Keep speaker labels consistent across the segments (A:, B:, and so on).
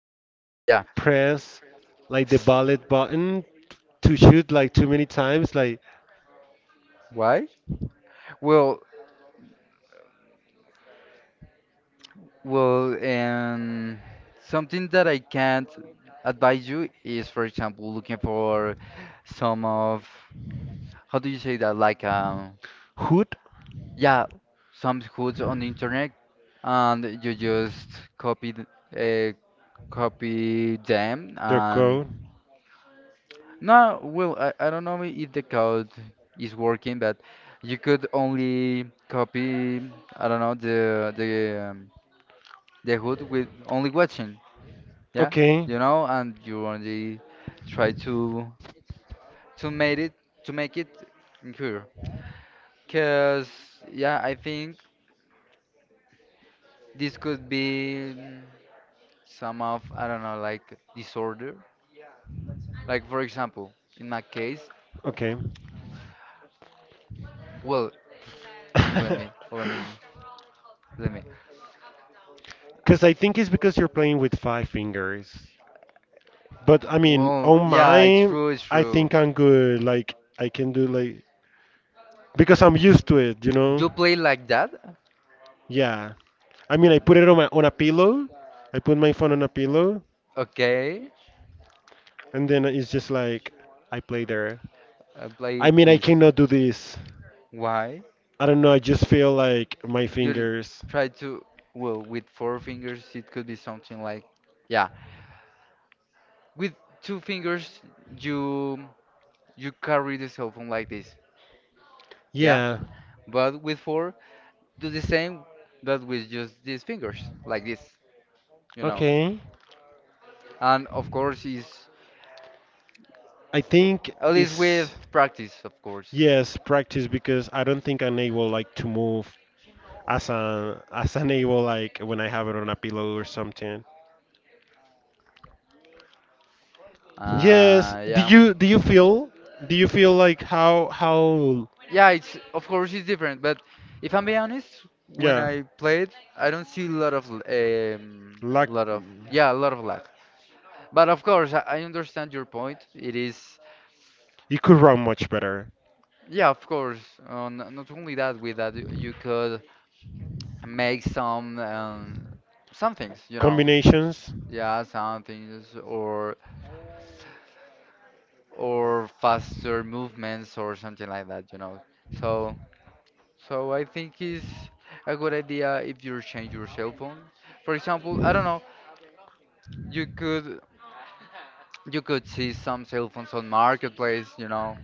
A: you have to like press like the ballot button to shoot like too many times, like
B: Why? Well, well, and something that I can't advise you is, for example, looking for some of, how do you say that? Like,
A: hoot
B: yeah, some hoods on the internet, and you just copy, th- uh, copy them,
A: their
B: and
A: code.
B: no, well, I don't know if the code is working, but you could only copy, I don't know, the hood with only watching. Yeah,
A: Okay,
B: you know, and you only try to make it to make it clear because yeah, I think this could be some of, I don't know, like disorder, like for example in my case.
A: okay.
B: Well, let me let me let me.
A: Because I think it's because you're playing with five fingers. But I mean,
B: Well,
A: on
B: yeah it's
A: mine,
B: true it's
A: I
B: true
A: think I'm good. Like I can do like because I'm used to it, you know.
B: you play like that.
A: Yeah. I mean, I put it on my on a pillow. I put my phone on a pillow.
B: Okay,
A: And then it's just like I play there.
B: I play
A: I mean, I
B: this.
A: cannot do this.
B: Why?
A: I don't know. I just feel like my
B: You
A: fingers.
B: try to, well with four fingers it could be something like, yeah, with two fingers, you you carry the cell phone like this. Yeah,
A: Yeah.
B: but with four, do the same but with just these fingers like this, you know.
A: Okay.
B: And of course is,
A: I think
B: at least
A: it's
B: with practice of course.
A: yes, practice because I don't think I'm able like to move as an able like when I have it on a pillow or something. Yes.
B: Uh,
A: Do
B: yeah.
A: you do you feel, do you feel like how
B: Yeah, it's of course it's different, but if I'm being honest, when
A: yeah,
B: I played I don't see a lot of um
A: lack,
B: lot of, yeah, a lot of lag. But of course, I understand your point. It is,
A: it could run much better.
B: yeah, of course. Not only that, with that, you could make some things, you know,
A: Combinations?
B: yeah, some things, or faster movements or something like that, you know. So so I think it's a good idea if you change your cell phone. For example, I don't know, you could you could see some cell phones on marketplace, you know,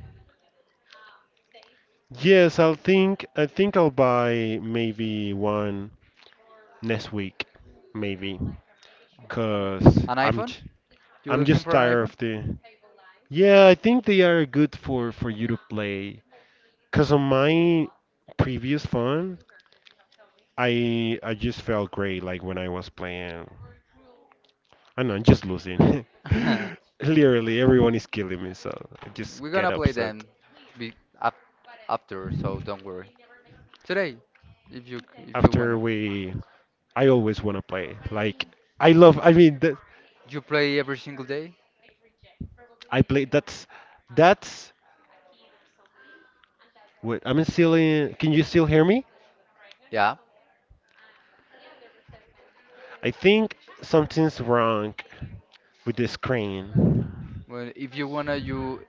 A: Yes, I'll think. I think I'll buy maybe one next week, maybe, cause
B: an
A: I'm
B: iPhone.
A: j-
B: You
A: I'm
B: looking
A: just
B: for an
A: tired of the. Yeah, I think they are good for you to play. Cause on my previous phone, I just felt great like when I was playing. I know, I'm just losing.
B: iPhone?
A: Literally, everyone is killing me, so I just
B: We're
A: get
B: gonna play
A: upset.
B: them be af after, so don't worry. Today, if you if you
A: After
B: wanna,
A: we, I always wanna play. Like I love. I mean, that
B: you play every single day.
A: I play. That's. Wait, I'm still in. Can you still hear me?
B: Yeah.
A: I think something's wrong with the screen.
B: Well, if you wanna, you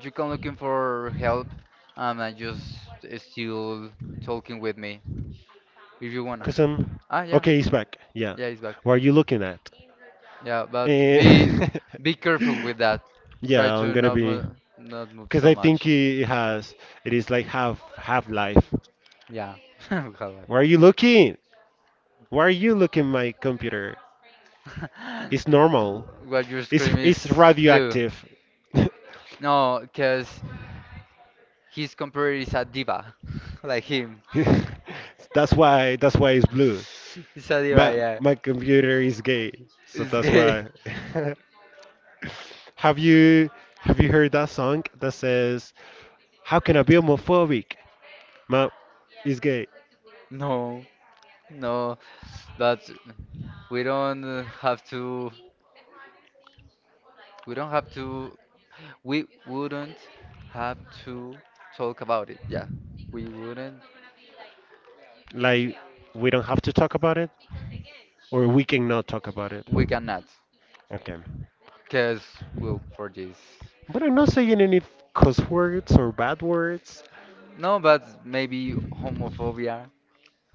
B: you come looking for help. And just still talking with me if you wanna.
A: Cause I'm.
B: Ah, yeah,
A: Okay, he's back. Yeah.
B: yeah, he's back.
A: What are you looking at?
B: Yeah, but
A: Eh,
B: be careful with that. Try
A: yeah, I'm
B: to
A: gonna be.
B: not move
A: Cause
B: so
A: I think
B: much.
A: it has. It is like half half life.
B: Yeah. Hello.
A: Where are you looking? Why are you looking my computer? It's normal.
B: What you
A: It's
B: scream
A: it's
B: is blue.
A: radioactive.
B: No, because his compared is a diva, like him.
A: That's why it's blue.
B: It's a diva,
A: My
B: yeah.
A: my computer is gay, so
B: It's
A: that's
B: gay.
A: why. Have you have you heard that song that says, "How can I be homophobic? My is gay."
B: No, no, but we don't have to. We don't have to. We wouldn't have to talk about it. Yeah, we wouldn't.
A: Like we don't have to talk about it, or we cannot talk about it.
B: We cannot,
A: Okay,
B: cause well, for this.
A: but I'm not saying any cuss words or bad words.
B: No, but maybe homophobia.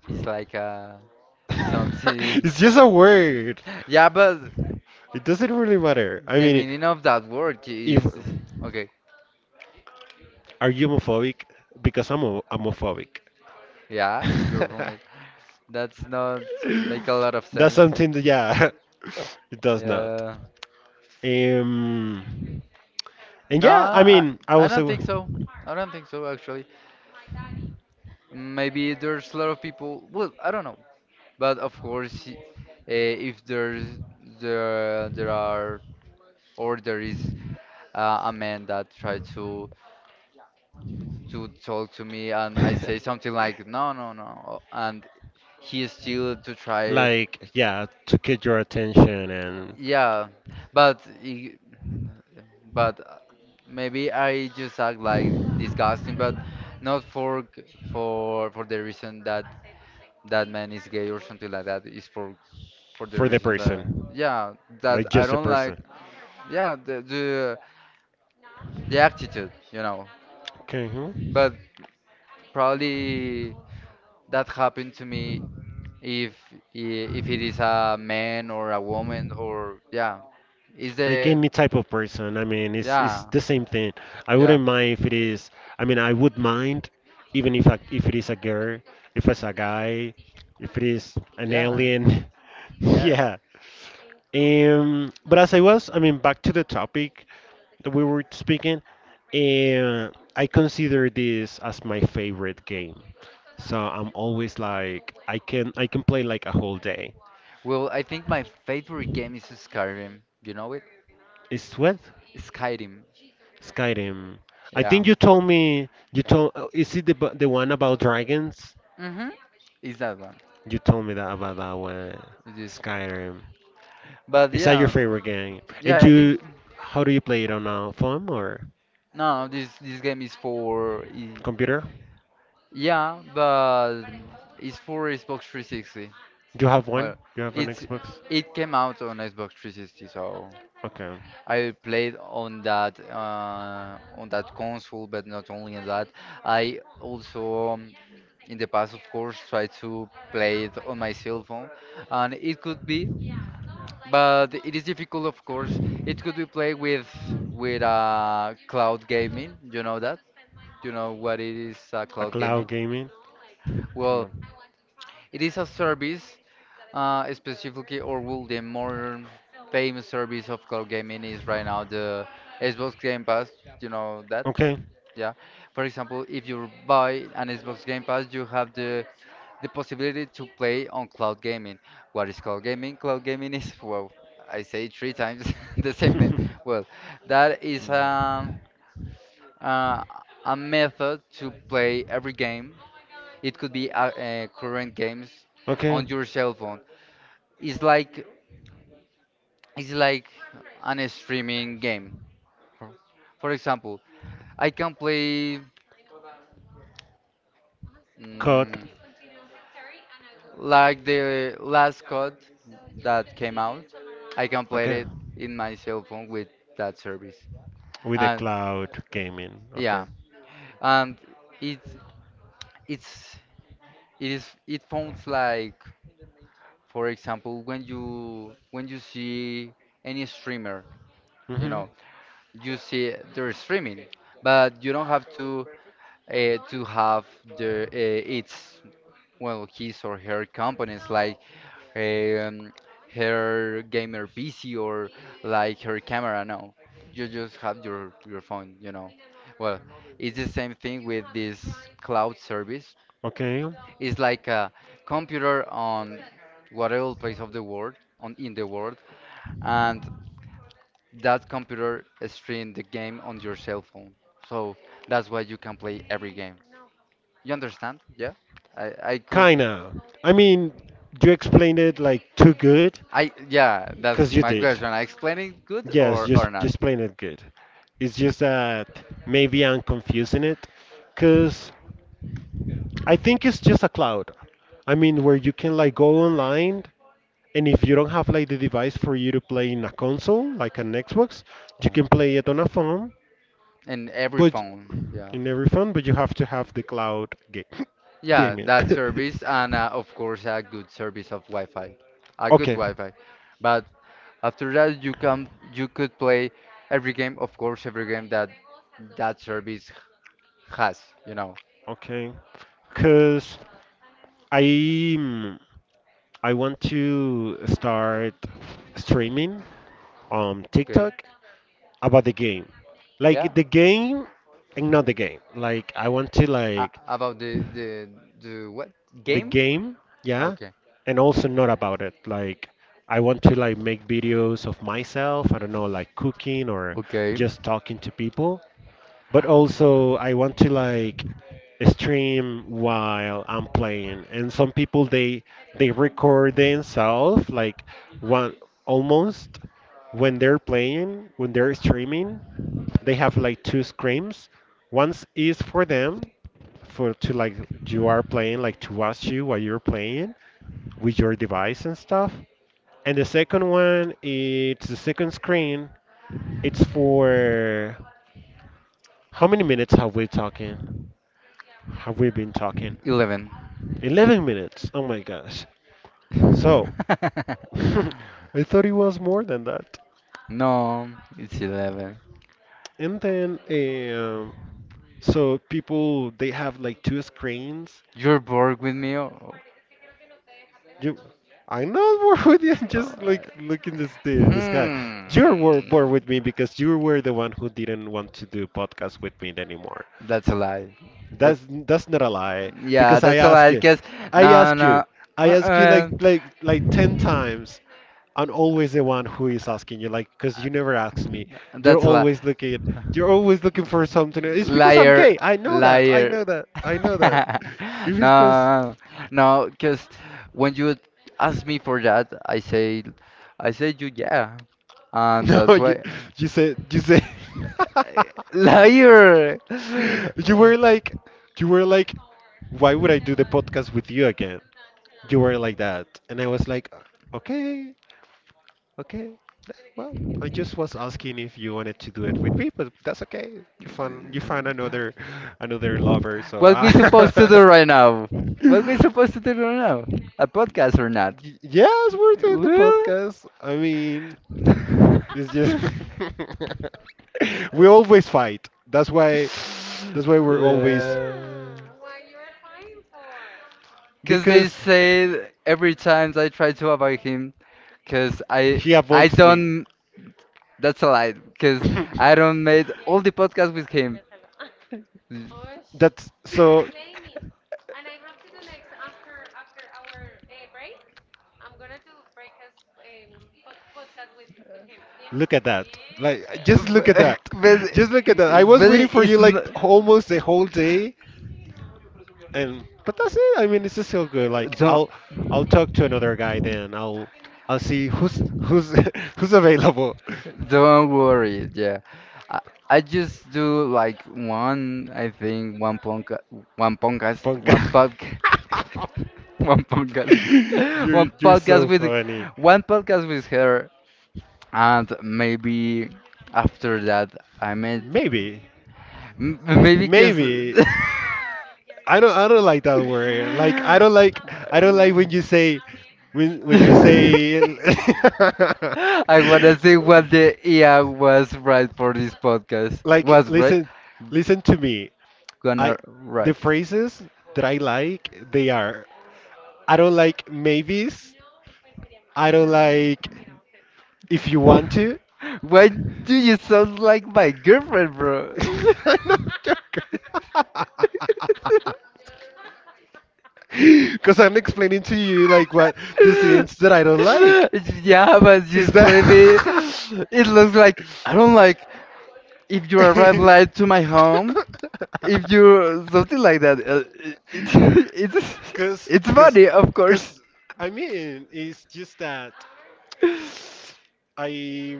B: It's like something.
A: It's just a word.
B: Yeah, but
A: It doesn't really matter. I
B: the
A: mean,
B: meaning of that word
A: if
B: is okay.
A: are you homophobic? Because I'm a, homophobic.
B: Yeah, you're from. That's not make a lot of
A: That's
B: sense.
A: something that yeah, it does not.
B: Yeah.
A: Um, and
B: No,
A: yeah, I
B: I
A: mean, I
B: I
A: was a.
B: don't think so. I don't think so actually. Maybe there's a lot of people. Well, I don't know. But of course, if there's there are or there is a man that tried to talk to me and I say something like no, no, no, and he is still to try it.
A: Like yeah, to get your attention and
B: Yeah, but but uh, maybe I just act like disgusting, but not for g- for the reason that that man is gay or something like that. It's for the
A: for the
B: reason that
A: person,
B: yeah that
A: like
B: I
A: just the
B: don't like,
A: person.
B: yeah, the attitude you know.
A: Okay. Hmm.
B: But probably that happened to me if if it is a man or a woman or yeah is
A: Like
B: there
A: any type of person, I mean it's
B: yeah.
A: the same thing. I
B: Yeah,
A: wouldn't mind if it is, I mean I would mind even if it is a girl, if it's a guy, if it is an
B: yeah,
A: alien.
B: yeah.
A: Yeah. But as I was, I mean, back to the topic that we were speaking, uh, I consider this as my favorite game, so I'm always like I can, I can play like a whole day.
B: Well, I think my favorite game is Skyrim. You know it?
A: It's what?
B: Skyrim.
A: Skyrim. I think
B: Yeah.
A: you told me, you told is it the the one about dragons?
B: Mm-hmm. It's that one.
A: You told me that about that one.
B: It is.
A: Skyrim.
B: But
A: Is that your
B: yeah,
A: favorite game?
B: yeah.
A: And
B: I think
A: you how do you play it on a phone or
B: no. This game is for
A: computer?
B: yeah, but it's for Xbox 360.
A: Do you have one?
B: Well,
A: You have an
B: it's
A: Xbox?
B: it came out on Xbox 360, so
A: Okay.
B: I played on that console, but not only on that. I also, in the past, of course, tried to play it on my cell phone, and it could be, but it is difficult, of course. It could be played with cloud gaming. You know that? You know what it is,
A: A
B: cloud
A: cloud
B: gaming?
A: gaming?
B: Well,
A: No.
B: it is a service specifically, or will the more famous service of cloud gaming is right now the Xbox Game Pass. You know that,
A: Okay.
B: yeah. For example, if you buy an Xbox Game Pass, you have the possibility to play on cloud gaming. What is cloud gaming? Cloud gaming is well, I say it three times the same name. Well, that is uh, a method to play every game. It could be current games
A: Okay,
B: on your cell phone. It's like It's like an streaming game. For for example, I can play
A: cut.
B: mm, like the last code that came out. I can play
A: Okay,
B: it in my cell phone with that service.
A: with the
B: And
A: cloud gaming. Okay.
B: yeah, and it's it's it is it sounds like, for example, when you see any streamer, you
A: hmm
B: know, you see they're streaming, but you don't have to, to have the its, well, his or her components like um, her gamer PC or like her camera. No, you just have your phone. You know, well, it's the same thing with this cloud service.
A: Okay.
B: It's like a computer on whatever place of the world on in the world, and that computer stream the game on your cell phone. So that's why you can play every game. You understand? Yeah. I could.
A: Kinda. I mean, you explained it like too good,
B: I yeah. That's
A: because you
B: my
A: did.
B: question. I explain it good
A: Yes,
B: or not?
A: just explain it good. It's just that maybe I'm confusing it, because I think it's just a cloud. I mean, where you can like go online, and if you don't have like the device for you to play in a console, like an Xbox, you
B: Yeah.
A: can play it on a phone,
B: In every
A: but
B: phone. Yeah.
A: in every phone, but you have to have the
B: Yeah.
A: gaming.
B: That service and of course a good service of Wi-Fi. A good
A: Okay,
B: Wi-Fi. But after that you could play every game. Of course every game that that service has. You know.
A: okay. Cause I mm, I want to start streaming on
B: Okay.
A: TikTok about the game,
B: Yeah.
A: like the game and not the game. Like I want to like
B: About the what
A: the
B: game?
A: game, yeah,
B: Okay.
A: and also not about it. Like I want to like make videos of myself, I don't know, like cooking or
B: Okay.
A: just talking to people, but also I want to like stream while I'm playing. And some people, they record themselves like one almost when they're playing, when they're streaming, they have like two screens. One is for them, for to like you are playing, like to watch you while you're playing with your device and stuff. And the second one, it's the second screen. It's for how many minutes have we talking? Have we been talking?
B: 11.
A: 11 minutes. Oh my gosh. So, I thought it was more than that.
B: No, it's 11.
A: And then, um, so people, they have like two screens.
B: You're bored with me? Oh,
A: You, I'm not bored with you. Just
B: uh,
A: like looking this, the sky. You were bored
B: hmm.
A: with me because you were the one who didn't want to do podcast with me anymore.
B: That's a lie. That's
A: That's not a lie,
B: yeah,
A: because I
B: that's a
A: ask
B: lie.
A: you,
B: Cause
A: I
B: no,
A: ask you,
B: no.
A: I ask you like
B: Uh-uh.
A: like ten times. I'm always the one who is asking you, like, because you never ask me. You're
B: That's a lie.
A: always looking, you're always looking for something. It's because I'm
B: Liar,
A: gay. I know that. I
B: liar.
A: know that. I know that. If it's because
B: No, no. Cause when you ask me for that, I say you yeah, and
A: no,
B: that's
A: you
B: why.
A: you say.
B: Liar!
A: You were like, you were like, why would I do the podcast with you again? You were like that, and I was like, okay, okay. Well, I just was asking if you wanted to do it with me, but that's okay. You found, you found another another lover, so
B: What we supposed to do right now? What we supposed to do right now? A podcast or not?
A: Y- yes, we're doing the
B: Well,
A: podcast. I mean. It's just we always fight. That's why we're always
B: yeah. Cause they
A: because
B: say every time I try to avoid him, cause
A: he
B: I
A: avoids me.
B: don't. That's a lie. Cause I don't made all the podcasts with him.
A: That's so. Look at that. Like, just look at
B: but
A: that.
B: but
A: Just look at that. I was
B: but
A: waiting for you
B: it's
A: like
B: not.
A: almost the whole day, and but that's it. I mean, it's just so good. Like,
B: Don't
A: I'll talk to another guy then. I'll see who's who's available.
B: don't worry. Yeah, I, I just do like one. I think one podcast, one podcast,
A: Ponca.
B: one podcast, one podcast,
A: You're
B: one
A: you're so
B: podcast with
A: funny.
B: her, and maybe after that I met
A: Maybe.
B: maybe because.
A: Maybe. I don't like that word. Like I don't like, I don't like when you say, when you say
B: I wanna see what the IA was right for this podcast.
A: like
B: Was right?
A: listen, listen to me. I
B: Gonna
A: the
B: write?
A: phrases that I like they are I don't like maybes. I don't like if you want to.
B: Why do you sound like my girlfriend, bro?
A: I'm not joking. Because I'm explaining to you like what the scenes that I don't like.
B: yeah, but just
A: Is
B: play me.
A: that?
B: It looks like I don't like if you arrive late to my home. If you something like that, it, it's
A: Cause,
B: it's
A: cause,
B: funny, of course.
A: cause. I mean, it's just that I,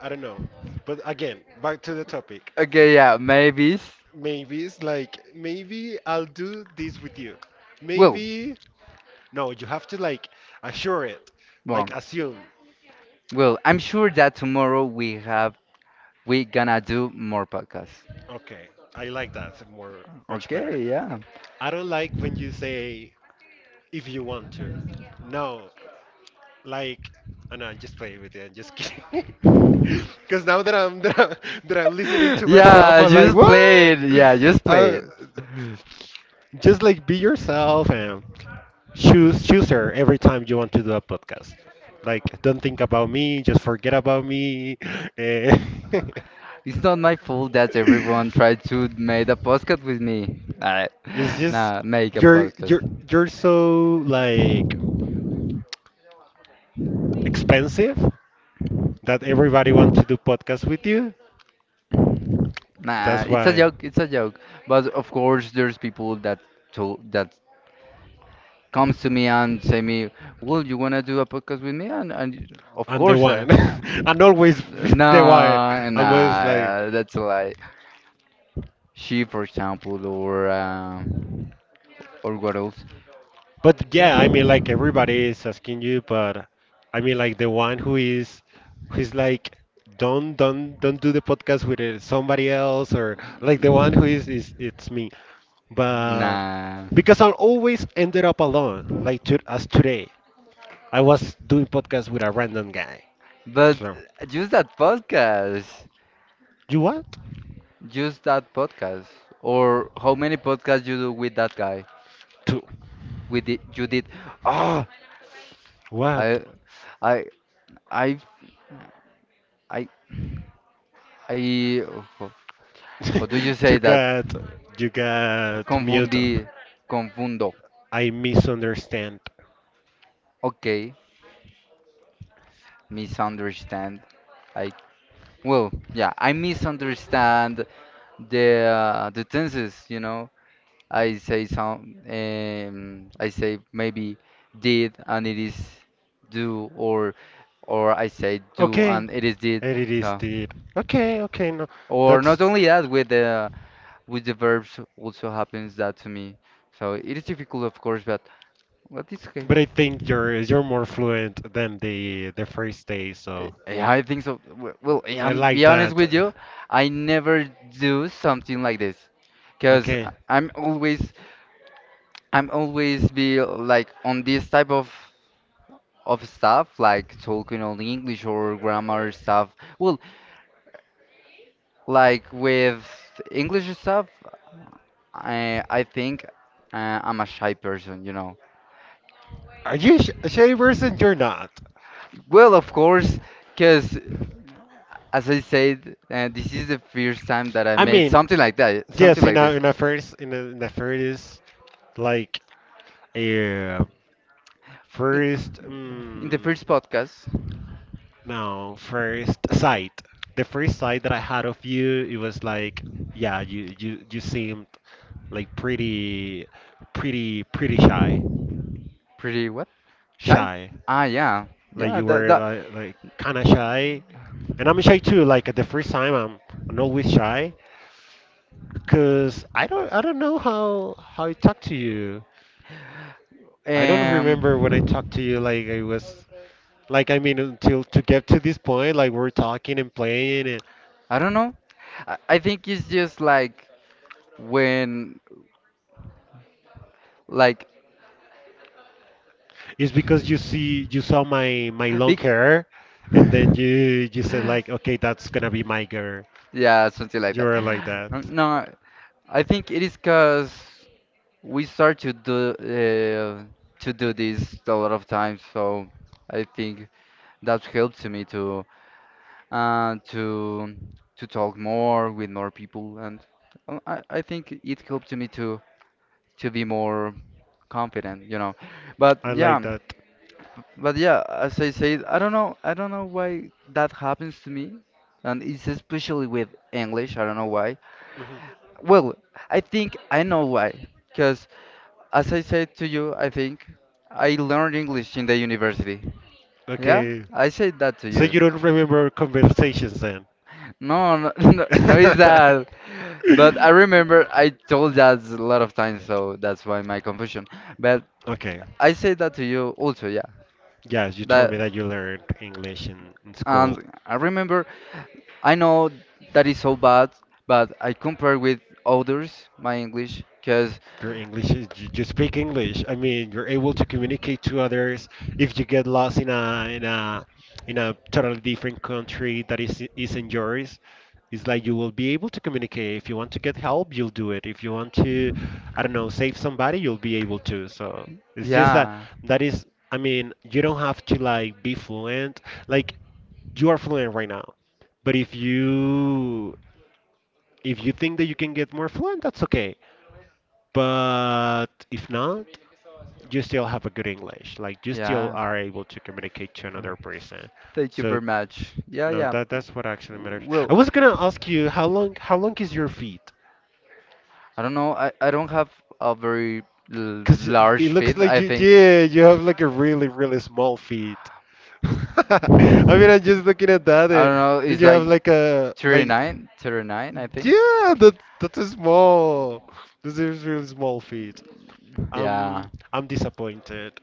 A: I don't know. But again, back to the topic.
B: Okay, yeah, maybe.
A: Maybe it's like maybe I'll do this with you.
B: Well,
A: Maybe no, you have to like assure it,
B: well,
A: like assume.
B: well. I'm sure that tomorrow we gonna do more podcasts.
A: Okay, I like that more, much better.
B: Okay, yeah.
A: I don't like when you say if you want to. No, like, oh no, just play with it. Just kidding. Because now that I'm, that I'm listening to myself,
B: Yeah,
A: I'm like,
B: just play
A: what?
B: it. Yeah, just play
A: Uh,
B: it.
A: just like be yourself and choose her every time you want to do a podcast. Like, don't think about me. Just forget about me. And
B: It's not my fault that everyone tried to make a podcast with me. Alright,
A: it's just
B: nah, make a
A: you're you're
B: podcast.
A: you're so like expensive that everybody wants to do podcasts with you.
B: Nah,
A: That's
B: it's a
A: why
B: joke. It's a joke. But of course, there's people that told that comes to me and say me, "Well, you wanna do a podcast with me?" And of
A: I'm the
B: course,
A: one. I'm always the one.
B: no,
A: I'm always like,
B: nah, that's a lie. She, for example, or what else?
A: but yeah, I mean like everybody is asking you, but I mean like the one who is, who's like, don't do the podcast with somebody else, or like the one who is it's me. But
B: Nah,
A: because I always ended up alone, like to, as today. I was doing podcast with a random guy.
B: but
A: So
B: just that podcast,
A: you what?
B: just that podcast, or how many podcasts you do with that guy?
A: Two.
B: With the, you did? Oh,
A: What?
B: I, I, I, I, I. How do you say
A: you
B: that?
A: got you got mute.
B: Confundí, confundo.
A: I misunderstand.
B: Ok. Misunderstand. I, well, yeah, I misunderstand the tenses. You know, I say some, I say maybe did and it is do, or I say do
A: Okay.
B: and it is did.
A: And it is
B: So,
A: the okay, okay, no.
B: or
A: That's
B: not only that, with the verbs also happens that to me. So it is difficult, of course, but it's okay.
A: but I think you're more fluent than the first day, so
B: Yeah, I think so. Well, yeah,
A: I
B: I'm
A: like
B: be honest
A: that.
B: with you, I never do something like this, cause
A: Okay.
B: I'm always be like on this type of stuff, like talking only English or grammar stuff. Well, like with English stuff, I think I'm a shy person, you know.
A: Are you a shy person? You're not.
B: Well, of course, cause as I said, this is the first time that I
A: I
B: made
A: mean,
B: something like that,
A: yes,
B: something like this.
A: in a first in a, in the first like a
B: in,
A: first
B: in the first podcast,
A: no, first sight. The first sight that I had of you, it was like yeah, you seemed like pretty pretty shy,
B: pretty what? Shy?
A: shy.
B: Ah, yeah,
A: Like
B: yeah.
A: you
B: That
A: were like kind of shy, and I'm shy too. Like at the first time, I'm always shy because I don't know how I talk to you. I don't remember when I
B: um,
A: talked to you. Like I was like I mean until to get to this point, like we're talking and playing, and
B: I don't know. I think it's just like when like
A: it's because you see you saw my long
B: big.
A: hair, and then you said like okay, that's gonna be my girl.
B: Yeah, something like
A: You
B: that.
A: were like that.
B: No, no, I think it is because we start to do this a lot of times, so I think that helps me to uh, to to talk more with more people, and I think it helps me to be more confident, you know. But
A: I
B: yeah,
A: like that.
B: but yeah, as I said, I don't know why that happens to me, and it's especially with English. I don't know why.
A: Mhm.
B: Well, I think I know why, because as I said to you, I think I learned English in the university. Yeah,
A: Okay,
B: I said that to
A: so
B: you.
A: you don't remember conversations then?
B: No, no, no, no, it's that. But I remember I told that a lot of times, so that's why my confusion. But
A: Okay.
B: I said that to you also, yeah.
A: Yes, you told me
B: That
A: that you learned English in school.
B: and I remember, I know that is so bad, but I compare with others my English, cause
A: Your English is you just speak English. I mean, you're able to communicate to others. If you get lost in a in a in a totally different country that is isn't yours, it's like you will be able to communicate. If you want to get help, you'll do it. If you want to, I don't know, save somebody, you'll be able to. So it's just that
B: yeah,
A: that is. I mean, you don't have to like be fluent. Like you are fluent right now, but if you think that you can get more fluent, that's okay. But if not, you still have a good English. Like you still
B: yeah.
A: are able to communicate to another person.
B: Thank you
A: So
B: very much. Yeah,
A: no,
B: yeah.
A: that's what actually matters. I
B: Well,
A: was gonna ask you how long is your feet?
B: I don't know. I don't have a very
A: Cause it
B: large
A: looks
B: feet,
A: like
B: I
A: you,
B: think.
A: yeah, you have like a really small feet. I mean I'm just looking at that,
B: I don't know.
A: and
B: It's
A: you have
B: like
A: like a like
B: 39, 39, I think.
A: yeah, that's a small, this is really small feet.
B: Yeah,
A: I'm disappointed.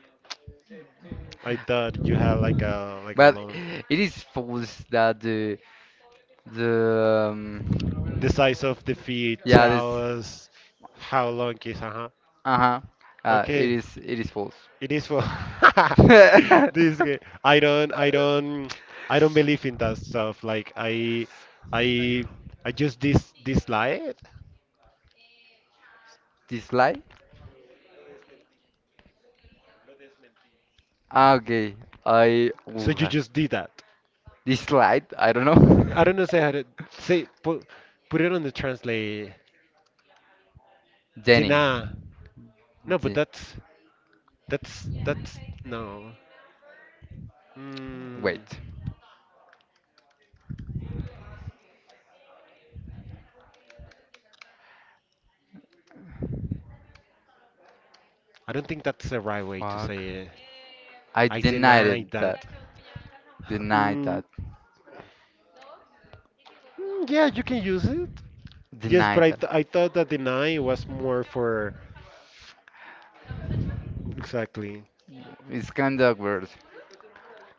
A: I thought you had like a
B: but
A: long.
B: it is false that the
A: The size of the feet
B: yeah this
A: tell us how long is. Uh huh.
B: uh-huh
A: Okay,
B: it is false.
A: it is for this game. I don't. I don't. I don't believe in that stuff. I, I just dislike it.
B: This light? Ah, okay. I ooh,
A: So you just did that.
B: this light. I don't know.
A: I don't know. Say how to Say. Put it on the translate.
B: Jenny.
A: Dina. No, but
B: Je-
A: that's no. Mm,
B: Wait.
A: I don't think that's the right way to
B: Fuck.
A: say it.
B: I
A: I
B: denied
A: denied
B: it
A: that.
B: that. Denied
A: Mm,
B: that.
A: yeah, you can use it. Yes,
B: Deny
A: but
B: that.
A: I thought that deny was more for exactly.
B: It's kind of weird.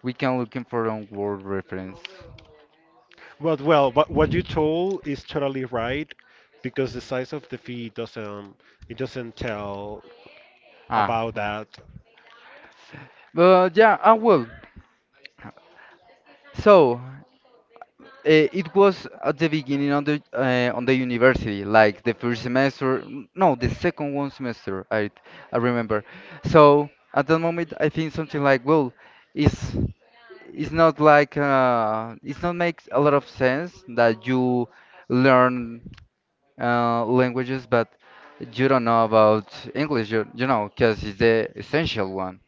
B: We can looking for a word reference.
A: But well, but what you told is totally right because the size of the fee doesn't, it doesn't tell
B: Ah,
A: about that.
B: but yeah, ah well. So it was at the beginning of the on the university, like the first semester. No, the second one semester. I remember. So at that moment, I think something like, well, it's it's not like it's not makes a lot of sense that you learn languages, but you don't know about English, you know, because it's the essential one.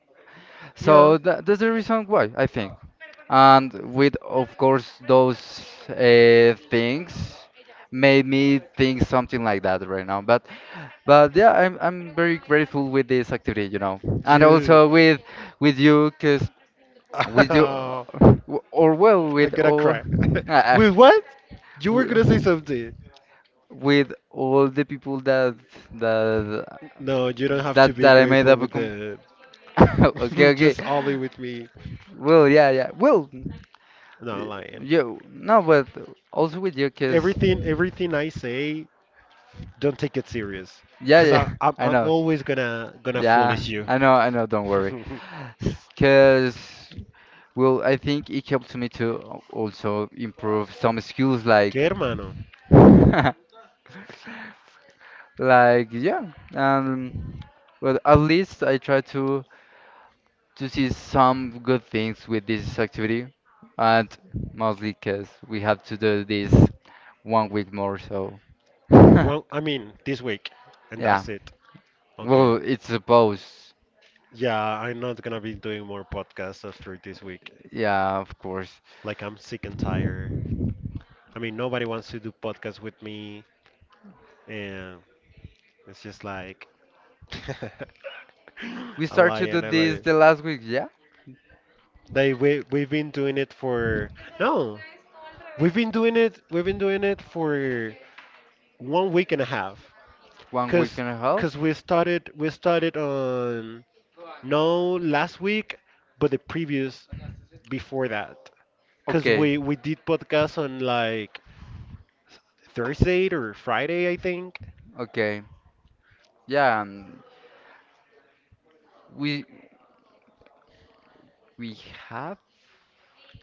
A: Yeah,
B: So that's the reason why, I think. And with, of course, those things made me think something like that right now. But yeah, I'm very grateful with this activity, you know, and
A: you.
B: also with you, cause with you,
A: Oh,
B: or well,
A: I'm
B: with
A: gonna
B: all.
A: cry. With what? You were gonna say
B: w-
A: something.
B: with all the people that that
A: No, you don't have to be
B: that I made
A: grateful
B: up a
A: with
B: com
A: the
B: okay, okay,
A: just only with me.
B: well, yeah, yeah, well, uh,
A: Not lying.
B: you no but also with you because
A: Everything I say, don't take it serious,
B: yeah,
A: cause
B: yeah, I
A: I'm
B: know,
A: always gonna
B: yeah,
A: foolish you.
B: I know, I know, don't worry because well I think it helped me to also improve some skills
A: ¿Qué
B: like
A: hermano?
B: like yeah, um well at least I try to see some good things with this activity, and mostly because we have to do this one week more, so yeah.
A: Well, I mean, this week, and that's it. Okay.
B: Well, it's supposed,
A: Yeah, I'm not gonna be doing more podcasts after this week.
B: yeah, of course.
A: Like, I'm sick and tired. I mean, nobody wants to do podcasts with me, and it's just like,
B: We start to do
A: a
B: this
A: lion.
B: the last week, yeah,
A: They we've been doing it for no, We've been doing it for 1 week and a half.
B: one week
A: Cause,
B: and a half.
A: 'Cause We started on no last week, but the previous before that. Cause
B: Okay,
A: we did podcast on like Thursday or Friday, I think.
B: okay, yeah. We we have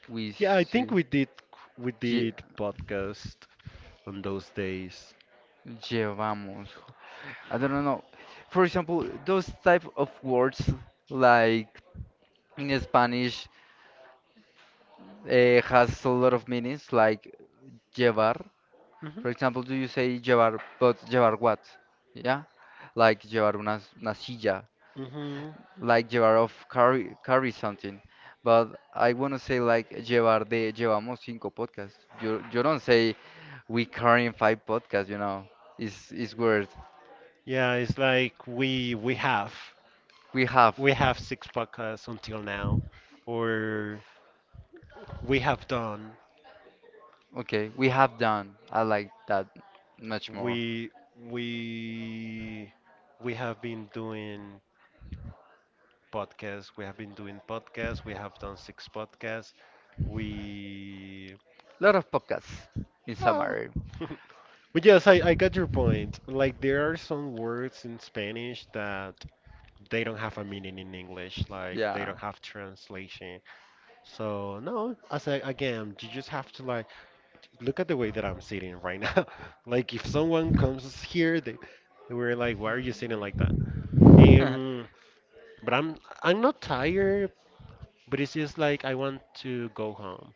B: we
A: Yeah, I think
B: should
A: we did. We
B: lle-
A: did podcast on those days.
B: llevamos. I don't know. For example, those type of words like in Spanish, has a lot of meanings, like llevar.
A: Hmm,
B: For example, do you say llevar, but llevar what? Yeah, like llevar una, una silla,
A: hmm.
B: like llevar of carry something. But I want to say like llevar de llevamos cinco podcasts. You don't say we carrying five podcasts. You know, it's weird.
A: Yeah, it's like we have.
B: We have.
A: We have six podcasts until now, or we have done.
B: Okay, we have done. I like that much more.
A: We we we have been doing podcasts. We have done six podcasts. We
B: Lot of podcasts in
A: oh.
B: summary.
A: But yes, I got your point. Like there are some words in Spanish that they don't have a meaning in English. Like they
B: Yeah.
A: don't have translation. So no, as I, again, you just have to like look at the way that I'm sitting right now. Like if someone comes here, they were like, "Why are you sitting like that?" Um, but I'm not tired, but it's just like I want to go home.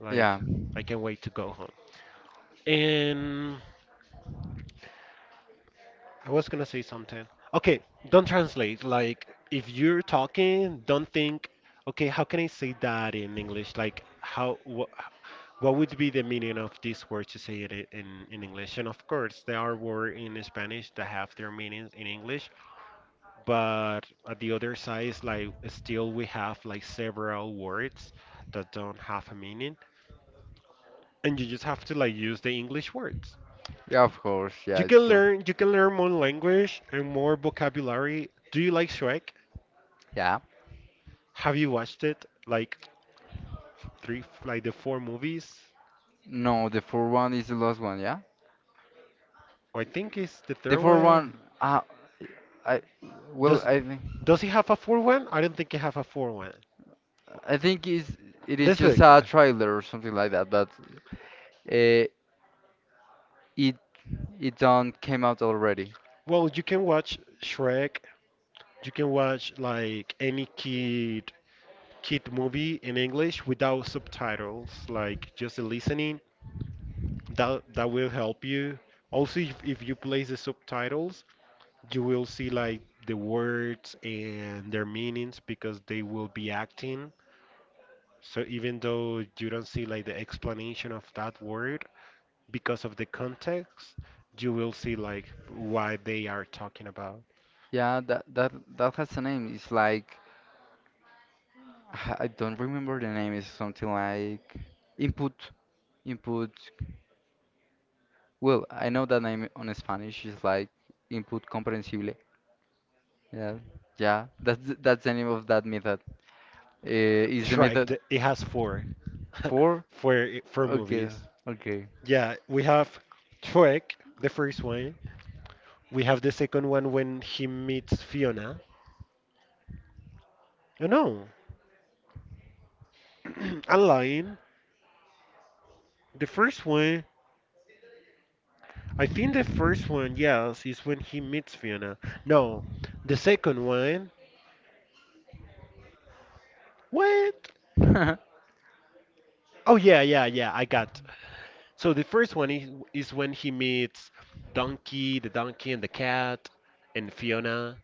A: Like
B: Yeah,
A: I can't wait to go home. And I was gonna say something. Okay, don't translate. Like if you're talking, don't think. Okay, how can I say that in English? Like how? What? What would be the meaning of this word to say it in English? And of course, there are words in Spanish that have their meanings in English, but at the other side is like still we have like several words that don't have a meaning, and you just have to like use the English words.
B: yeah, of course. Yeah, it's true.
A: You can learn more language and more vocabulary. Do you like Shrek?
B: Yeah.
A: Have you watched it? Like three, like the four movies?
B: No, the fourth one is the last one. Yeah.
A: Or I think it's the
B: The
A: third
B: fourth
A: one.
B: one. I well,
A: Does
B: I think
A: does he have a 4 one? I don't think he have a 4 one.
B: is it is
A: Let's
B: just
A: look.
B: a trailer or something like that, but uh, it it done came out already.
A: Well, you can watch Shrek. You can watch like any kid movie in English without subtitles, like just listening. That will help you. Also, if you place the subtitles, you will see like the words and their meanings because they will be acting. So even though you don't see like the explanation of that word, because of the context, you will see like why they are talking about
B: Yeah, that has a name. It's like I don't remember the name. It's something like input input. Well, I know that name on Spanish is like input comprensible. Yeah, yeah. That's that's the name of that method. Is the
A: Shrek.
B: method
A: It has four,
B: for?
A: four
B: Okay,
A: movies.
B: okay.
A: Yeah, we have Shrek, the first one. We have the second one when he meets Fiona. Oh no, I'm lying. The first one, I think the first one, yes, is when he meets Fiona. No, the second one. What? Oh, yeah. I got. So the first one is when he meets Donkey, the donkey and the cat, and Fiona.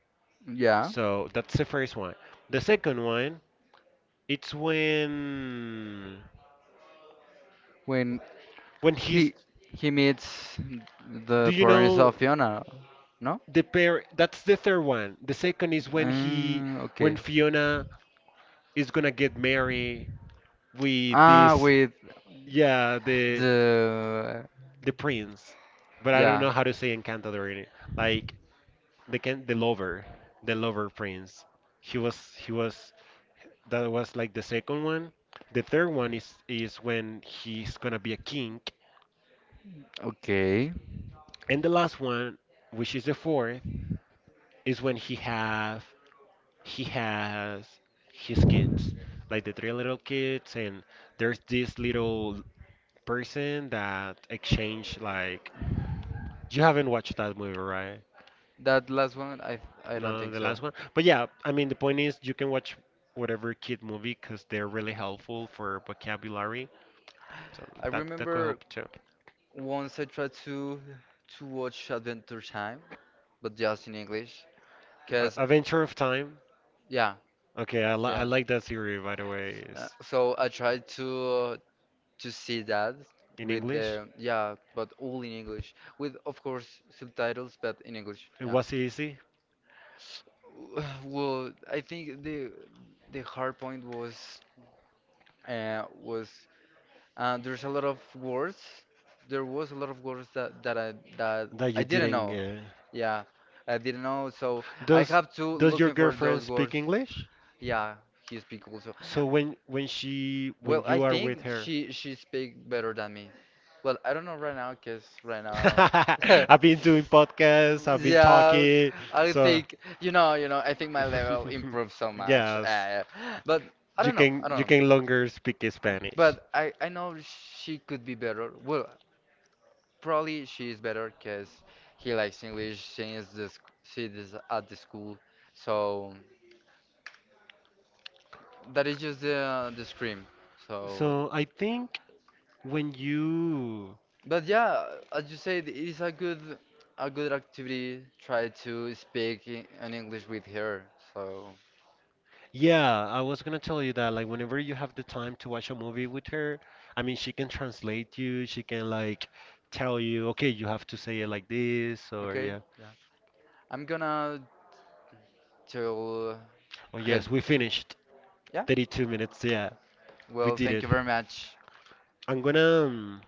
B: Yeah.
A: So that's the first one. The second one, it's when
B: When he
A: he's
B: he meets
A: do
B: the
A: you
B: parents
A: know
B: of Fiona, no?
A: the pair, that's the third one. The second is when he when
B: Okay.
A: Fiona is gonna get married with
B: Ah,
A: this,
B: with
A: yeah,
B: the
A: the prince. But I don't
B: yeah.
A: know how to say Encantador in it. Like the can the lover, the lover prince he was that was like the second one. The third one is when he's gonna be a king,
B: Okay.
A: and the last one, which is the fourth, is when he has his kids, like the three little kids, and there's this little person that exchange like, you haven't watched that movie, right?
B: That last one, I don't
A: No,
B: think
A: the
B: so.
A: last one. But yeah, I mean the point is you can watch whatever kid movie because they're really helpful for vocabulary, so
B: I
A: that that could
B: remember
A: help.
B: once I tried to watch Adventure Time, but just in English, cause
A: A Venture of Time.
B: yeah,
A: Okay, I
B: yeah.
A: like that theory, by the way. It's
B: So I tried to see that
A: in
B: with
A: English.
B: the yeah, but all in English, with of course subtitles, but in English,
A: It
B: yeah.
A: was easy
B: Well, I think the hard point was uh, was there's a lot of words. There was a lot of words that, that
A: that
B: I
A: you
B: didn't
A: didn't.
B: know. Yeah, I didn't know. So I
A: Does
B: have to
A: Does your
B: looking for
A: girlfriend
B: those words.
A: speak English?
B: Yeah, he speak also.
A: So when she when
B: Well, I
A: you are
B: think
A: with her,
B: she speak better than me. Well, I don't know right now, cause right now.
A: I've been doing podcasts. I've been
B: Yeah,
A: talking.
B: I
A: So
B: think you know, you know. I think my level improved so much.
A: yes,
B: But I don't know. I
A: you
B: don't know.
A: can longer speak Spanish.
B: But I know she could be better. Well, probably she is better because he likes English. She is the she is at the school, so that is just the scream. So,
A: So I think when you,
B: but yeah, as you said, it is a good activity. Try to speak in English with her. So
A: yeah, I was gonna tell you that like whenever you have the time to watch a movie with her, I mean she can translate you, she can like tell you, okay, you have to say it like this or
B: okay,
A: yeah.
B: yeah, I'm gonna tell
A: Oh
B: her.
A: yes, we finished.
B: Yeah,
A: 32 minutes, yeah. We
B: well,
A: did
B: thank
A: it.
B: you very much.
A: I'm gonna